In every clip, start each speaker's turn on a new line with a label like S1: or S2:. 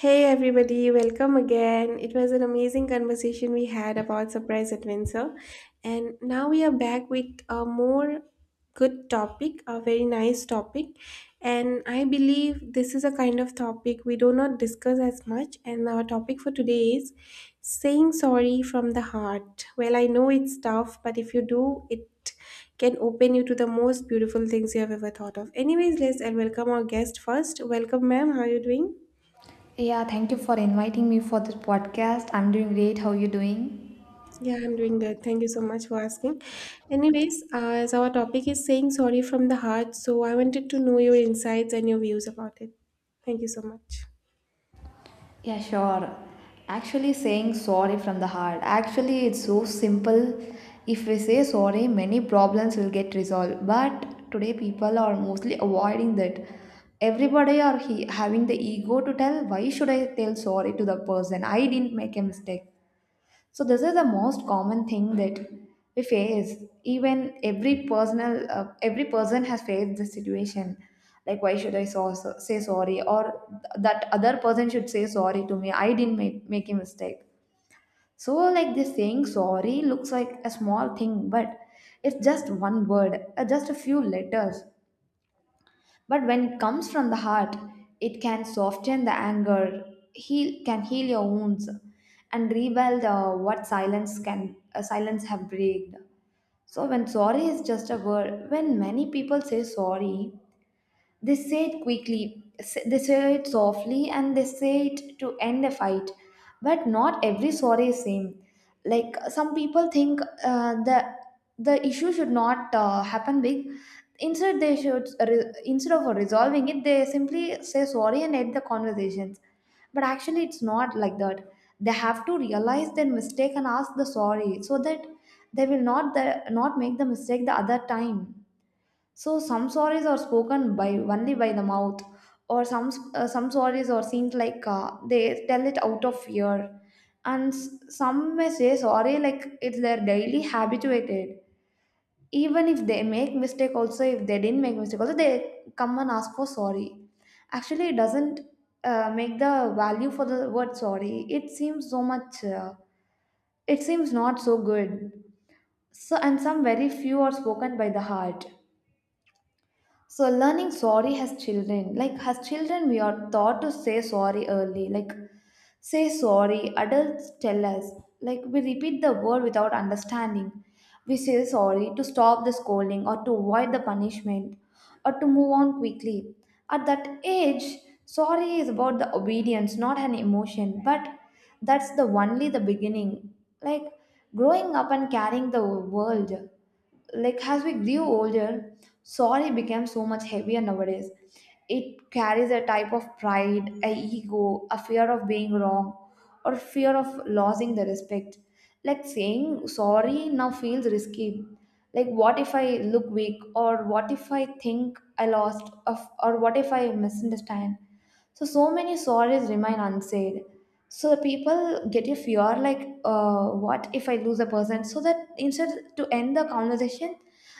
S1: Hey everybody, welcome again. It was an amazing conversation we had about surprise adventure, and now we are back with a more good topic, a very nice topic. And I believe this is a kind of topic we do not discuss as much. And our topic for today is saying sorry from the heart. Well, I know it's tough, but if you do, it can open you to the most beautiful things you have ever thought of. Anyways, let's and welcome our guest first. Welcome, ma'am. How are you doing?
S2: Yeah, thank you for inviting me for this podcast. I'm doing great. How you doing?
S1: Yeah, I'm doing good. Thank you so much for asking. Anyways, as our topic is saying sorry from the heart, so I wanted to know your insights and your views about it. Thank you so much.
S2: Yeah, sure. Actually, saying sorry from the heart. Actually, it's so simple. If we say sorry, many problems will get resolved. But today, people are mostly avoiding that. Everybody are he having the ego to tell. Why should I tell sorry to the person? I didn't make a mistake. So this is the most common thing that we face. Even every person has faced this situation. Like, why should I say sorry? Or that other person should say sorry to me. I didn't make a mistake. So, like this saying sorry looks like a small thing, but it's just one word, just a few letters. But when it comes from the heart, it can soften the anger, can heal your wounds, and rebuild what silence can silence have breathed. So when sorry is just a word, when many people say sorry, they say it quickly, they say it softly, and they say it to end a fight. But not every sorry is same. Like some people think the issue should not happen big. Instead, they should instead of resolving it, they simply say sorry and end the conversations. But actually, it's not like that. They have to realize their mistake and ask the sorry so that they will not make the mistake the other time. So some stories are spoken by only by the mouth, or some stories are seems like they tell it out of fear, and some may say sorry like it's their daily habituated. Even if they make mistake, also if they didn't make mistake, also they come and ask for sorry. Actually, it doesn't make the value for the word sorry. It seems so much. It seems not so good. So and some very few are spoken by the heart. So learning sorry has children, like has children, we are taught to say sorry early, like say sorry. Adults tell us, like we repeat the word without understanding. We say sorry to stop the scolding or to avoid the punishment or to move on quickly. At that age, sorry is about the obedience, not an emotion. But that's the only the beginning. Like growing up and carrying the world, like as we grew older, sorry became so much heavier nowadays. It carries a type of pride, a ego, a fear of being wrong, or fear of losing the respect. Like saying sorry now feels risky. Like what if I look weak, or what if I think I lost, of, or what if I misunderstand? So, so many stories remain unsaid. So the people get a fear like, what if I lose a person? So that instead to end the conversation,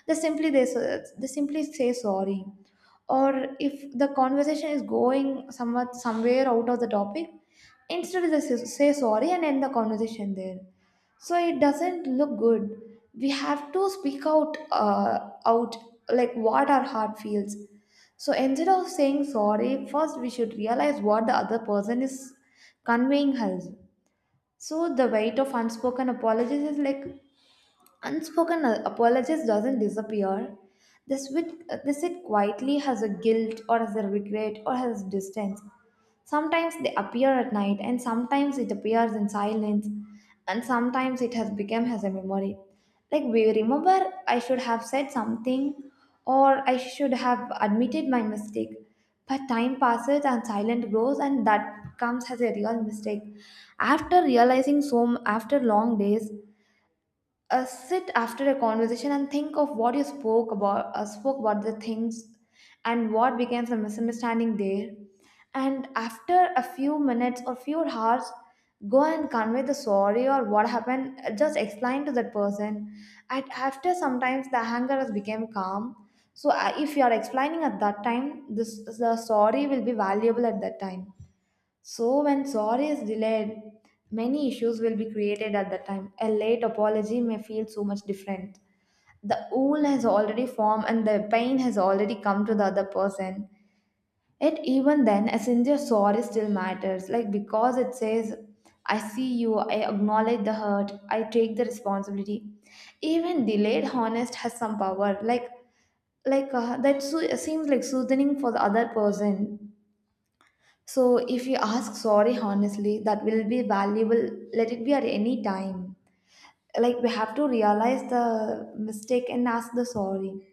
S2: they simply say sorry. Or if the conversation is going somewhat somewhere out of the topic, instead say sorry and end the conversation there, so it doesn't look good. We have to speak out like what our heart feels. So instead of saying sorry first, we should realize what the other person is conveying us. So the weight of unspoken apologies is like, unspoken apologies doesn't disappear. They sit quietly as a guilt or as a regret or as distance. Sometimes they appear at night, and sometimes it appears in silence, and sometimes it has become as a memory. Like we remember I should have said something or I should have admitted my mistake. But time passes and silence grows, and that comes as a real mistake. After after long days, sit after a conversation and think of what you spoke about the things and what became the misunderstanding there, and after a few minutes or few hours, go and convey the sorry or what happened. Just explain to that person, and after sometimes the anger has become calm. So if you are explaining at that time, this the sorry will be valuable at that time. So, when sorry is delayed, many issues will be created at that time. A late apology may feel so much different. The wound has already formed and the pain has already come to the other person. Yet, even then, a sincere sorry still matters, like because it says, I see you, I acknowledge the hurt, I take the responsibility. Even delayed honest has some power, like that seems like soothing for the other person. So if you ask sorry honestly, that will be valuable. Let it be at any time. Like we have to realize the mistake and ask the sorry.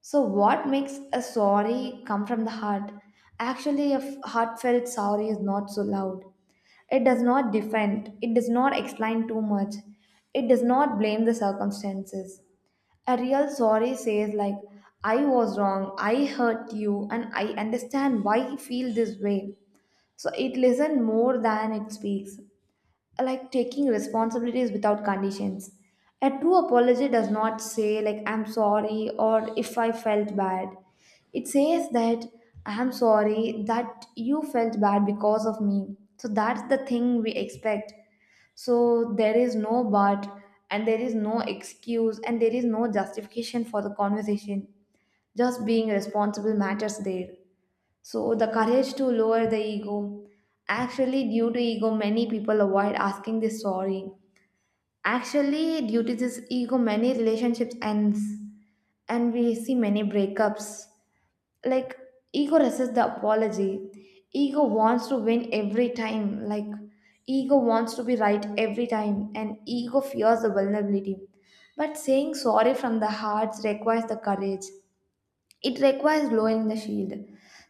S2: So what makes a sorry come from the heart? Actually, a heartfelt sorry is not so loud. It does not defend. It does not explain too much. It does not blame the circumstances. A real sorry says like, I was wrong, I hurt you, and I understand why you feel this way. So it listens more than it speaks, like taking responsibilities without conditions. A true apology does not say, like, I'm sorry or if I felt bad. It says that I'm sorry that you felt bad because of me. So that's the thing we expect. So there is no but, and there is no excuse, and there is no justification for the conversation. Just being responsible matters there. So, the courage to lower the ego. Actually, due to ego, many people avoid asking this sorry. Actually, due to this ego, many relationships ends, and we see many breakups. Like ego resists the apology. Ego wants to win every time. Like ego wants to be right every time, and ego fears the vulnerability. But saying sorry from the heart requires the courage. It requires lowering the shield,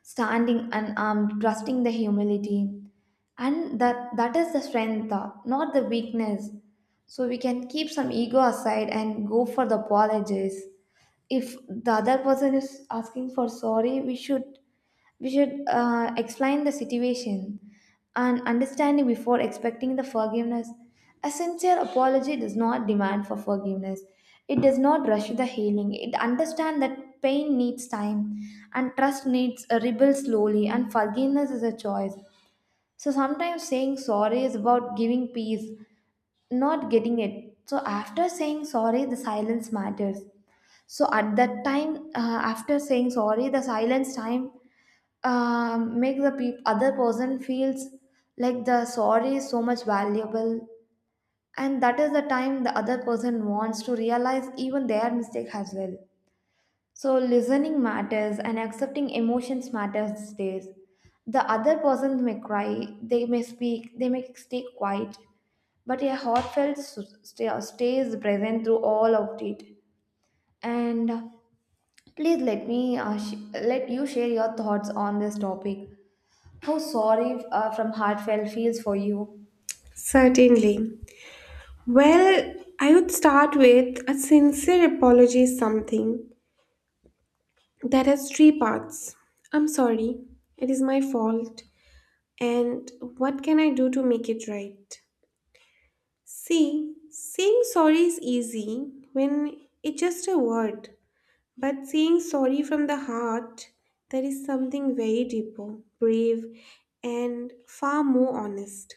S2: standing unarmed, trusting the humility, and that is the strength, not the weakness. So we can keep some ego aside and go for the apologies. If the other person is asking for sorry, we should explain the situation and understanding before expecting the forgiveness. A sincere apology does not demand for forgiveness. It does not rush the healing. It understands that pain needs time and trust needs a rebuild slowly, and forgiveness is a choice. So sometimes saying sorry is about giving peace, not getting it. So after saying sorry, the silence matters. So at that time, after saying sorry, the silence time make the other person feels like the sorry is so much valuable, and that is the time the other person wants to realize even their mistake as well. So listening matters and accepting emotions matters these days. The other person may cry, they may speak, they may stay quiet, but a heartfelt stays present through all of it. And please let me let you share your thoughts on this topic, how sorry from heartfelt feels for you.
S1: Certainly. Well, I would start with a sincere apology is something that has three parts. I'm sorry, it is my fault, and what can I do to make it right? See, saying sorry is easy when it's just a word. But saying sorry from the heart, there is something very deeper, brave, and far more honest.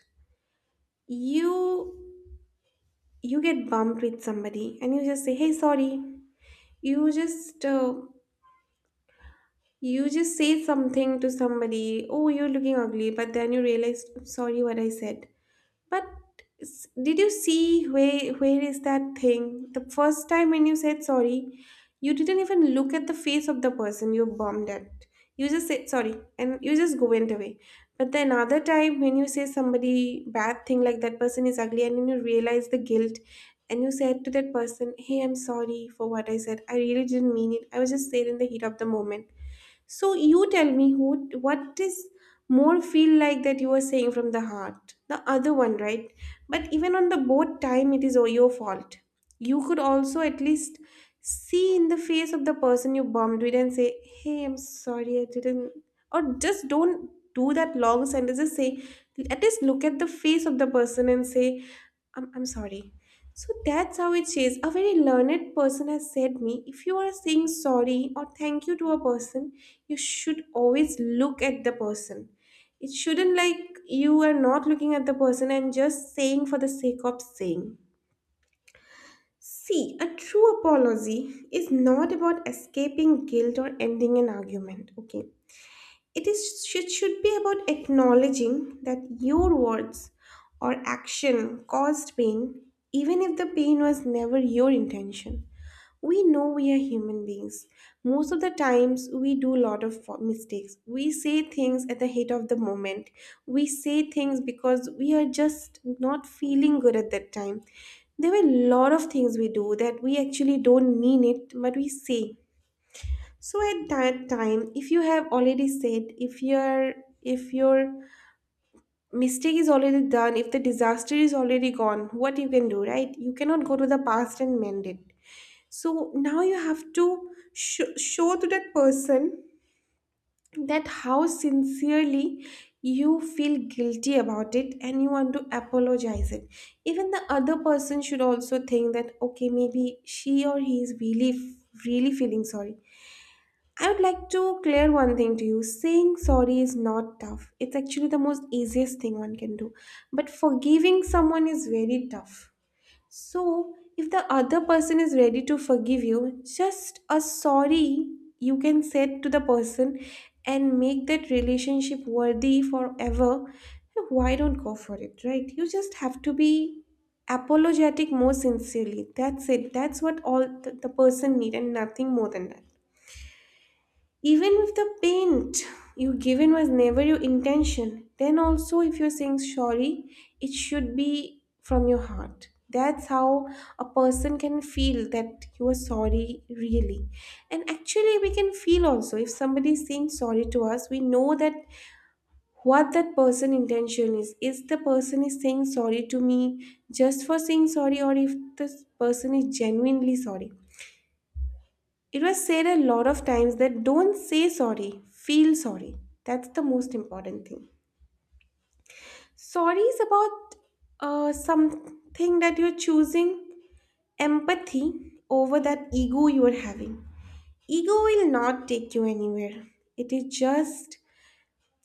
S1: You you get bumped with somebody and you just say, "Hey, sorry." You just uh, you just say something to somebody. Oh, you're looking ugly, but then you realize, "Sorry, what I said." But did you see where is that thing? The first time when you said sorry, you didn't even look at the face of the person you bombed at. You just said sorry and you just go went away. But then another time when you say somebody bad thing like that person is ugly and then you realize the guilt and you said to that person, "Hey, I'm sorry for what I said. I really didn't mean it. I was just there in the heat of the moment." So you tell me who what is more feel like that you are saying from the heart. The other one, right? But even on the both time it is all your fault. You could also at least see in the face of the person you bombed with and say, "Hey, I'm sorry I didn't," or just don't do that long sentence. Just say at least look at the face of the person and say I'm sorry. So that's how it says. A very learned person has said me, if you are saying sorry or thank you to a person, you should always look at the person. It shouldn't like you are not looking at the person and just saying for the sake of saying. See, a true apology is not about escaping guilt or ending an argument. Okay. It is it should be about acknowledging that your words or action caused pain, even if the pain was never your intention. We know we are human beings. Most of the times we do a lot of mistakes. We say things at the heat of the moment. We say things because we are just not feeling good at that time. There were a lot of things we do that we actually don't mean it but we say. So at that time, if you have already said, if your mistake is already done, if the disaster is already gone, what you can do, right? You cannot go to the past and mend it. So now you have to show to that person that how sincerely you feel guilty about it and you want to apologize it. Even the other person should also think that okay, maybe she or he is really feeling sorry. I would like to clear one thing to you. Saying sorry is not tough. It's actually the most easiest thing one can do. But forgiving someone is very tough. So, if the other person is ready to forgive you, just a sorry you can say to the person and make that relationship worthy forever. Why don't go for it, right? You just have to be apologetic more sincerely. That's it. That's what all the person need and nothing more than that. Even if the paint you given was never your intention, then also if you're saying sorry, it should be from your heart. That's how a person can feel that you are sorry really. And actually we can feel also if somebody is saying sorry to us, we know that what that person intention is. Is the person is saying sorry to me just for saying sorry, or if this person is genuinely sorry. It was said a lot of times that don't say sorry, feel sorry. That's the most important thing. Sorry is about something that you're choosing empathy over that ego you are having. Ego will not take you anywhere. It is just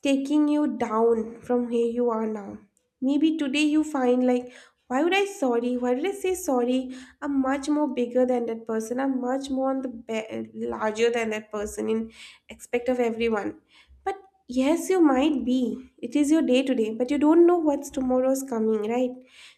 S1: taking you down from where you are now. Maybe today you find like, why would I sorry? Why did I say sorry? I'm much more bigger than that person. I'm much more on the larger than that person in expect of everyone. But yes, you might be. It is your day today, but you don't know what's tomorrow's coming, right?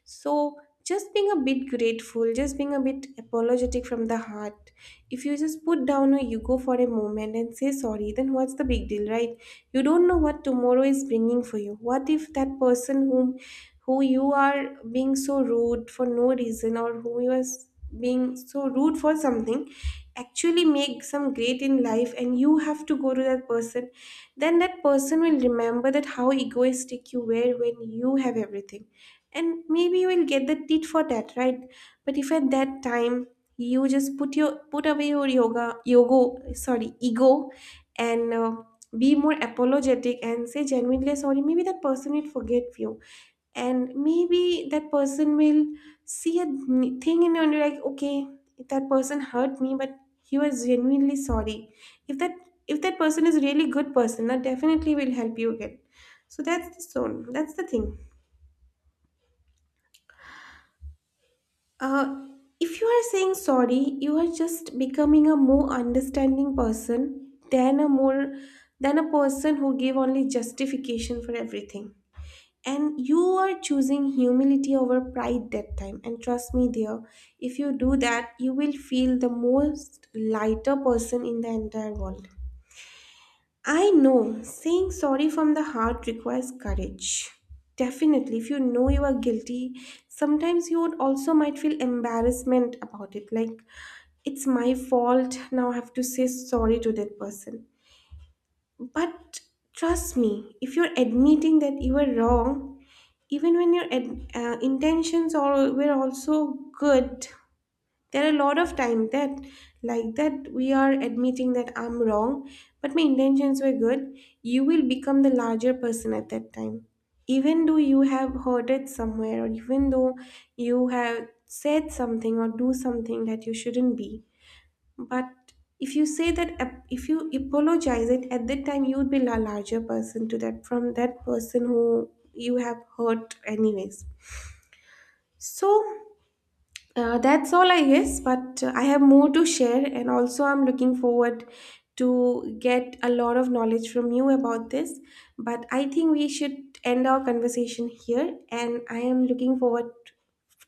S1: So just being a bit grateful, just being a bit apologetic from the heart. If you just put down your ego for a moment and say sorry, then what's the big deal, right? You don't know what tomorrow is bringing for you. What if that person whom who you are being so rude for no reason or who you are being so rude for something actually make some great in life and you have to go to that person, then that person will remember that how egoistic you were when you have everything, and maybe you will get the tit for that, right? But if at that time you just put away your yoga yoga sorry ego and be more apologetic and say genuinely sorry, maybe that person will forget you and maybe that person will see a thing in you and you're like, okay, that person hurt me, but he was genuinely sorry. if that if that person is really good person, that definitely will help you again. So that's the zone, that's the thing. uh if you are saying sorry, you are just becoming a more understanding person than a person who give only justification for everything, and you are choosing humility over pride that time. And trust me dear, if you do that, you will feel the most lighter person in the entire world. I know saying sorry from the heart requires courage. Definitely, if you know you are guilty, sometimes you would also might feel embarrassment about it, like it's my fault, now I have to say sorry to that person. But trust me, if you're admitting that you were wrong, even when your intentions are were also good. There are a lot of time that like that we are admitting that I'm wrong but my intentions were good. You will become the larger person at that time, even though you have hurted somewhere, or even though you have said something or do something that you shouldn't be. But if you say that, if you apologize it at that time, you would be a larger person to that from that person who you have hurt, anyways. So that's all, I guess. But I have more to share, and also I'm looking forward to get a lot of knowledge from you about this. But I think we should end our conversation here, and I am looking forward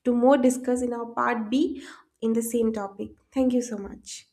S1: to more discuss in our part B in the same topic. Thank you so much.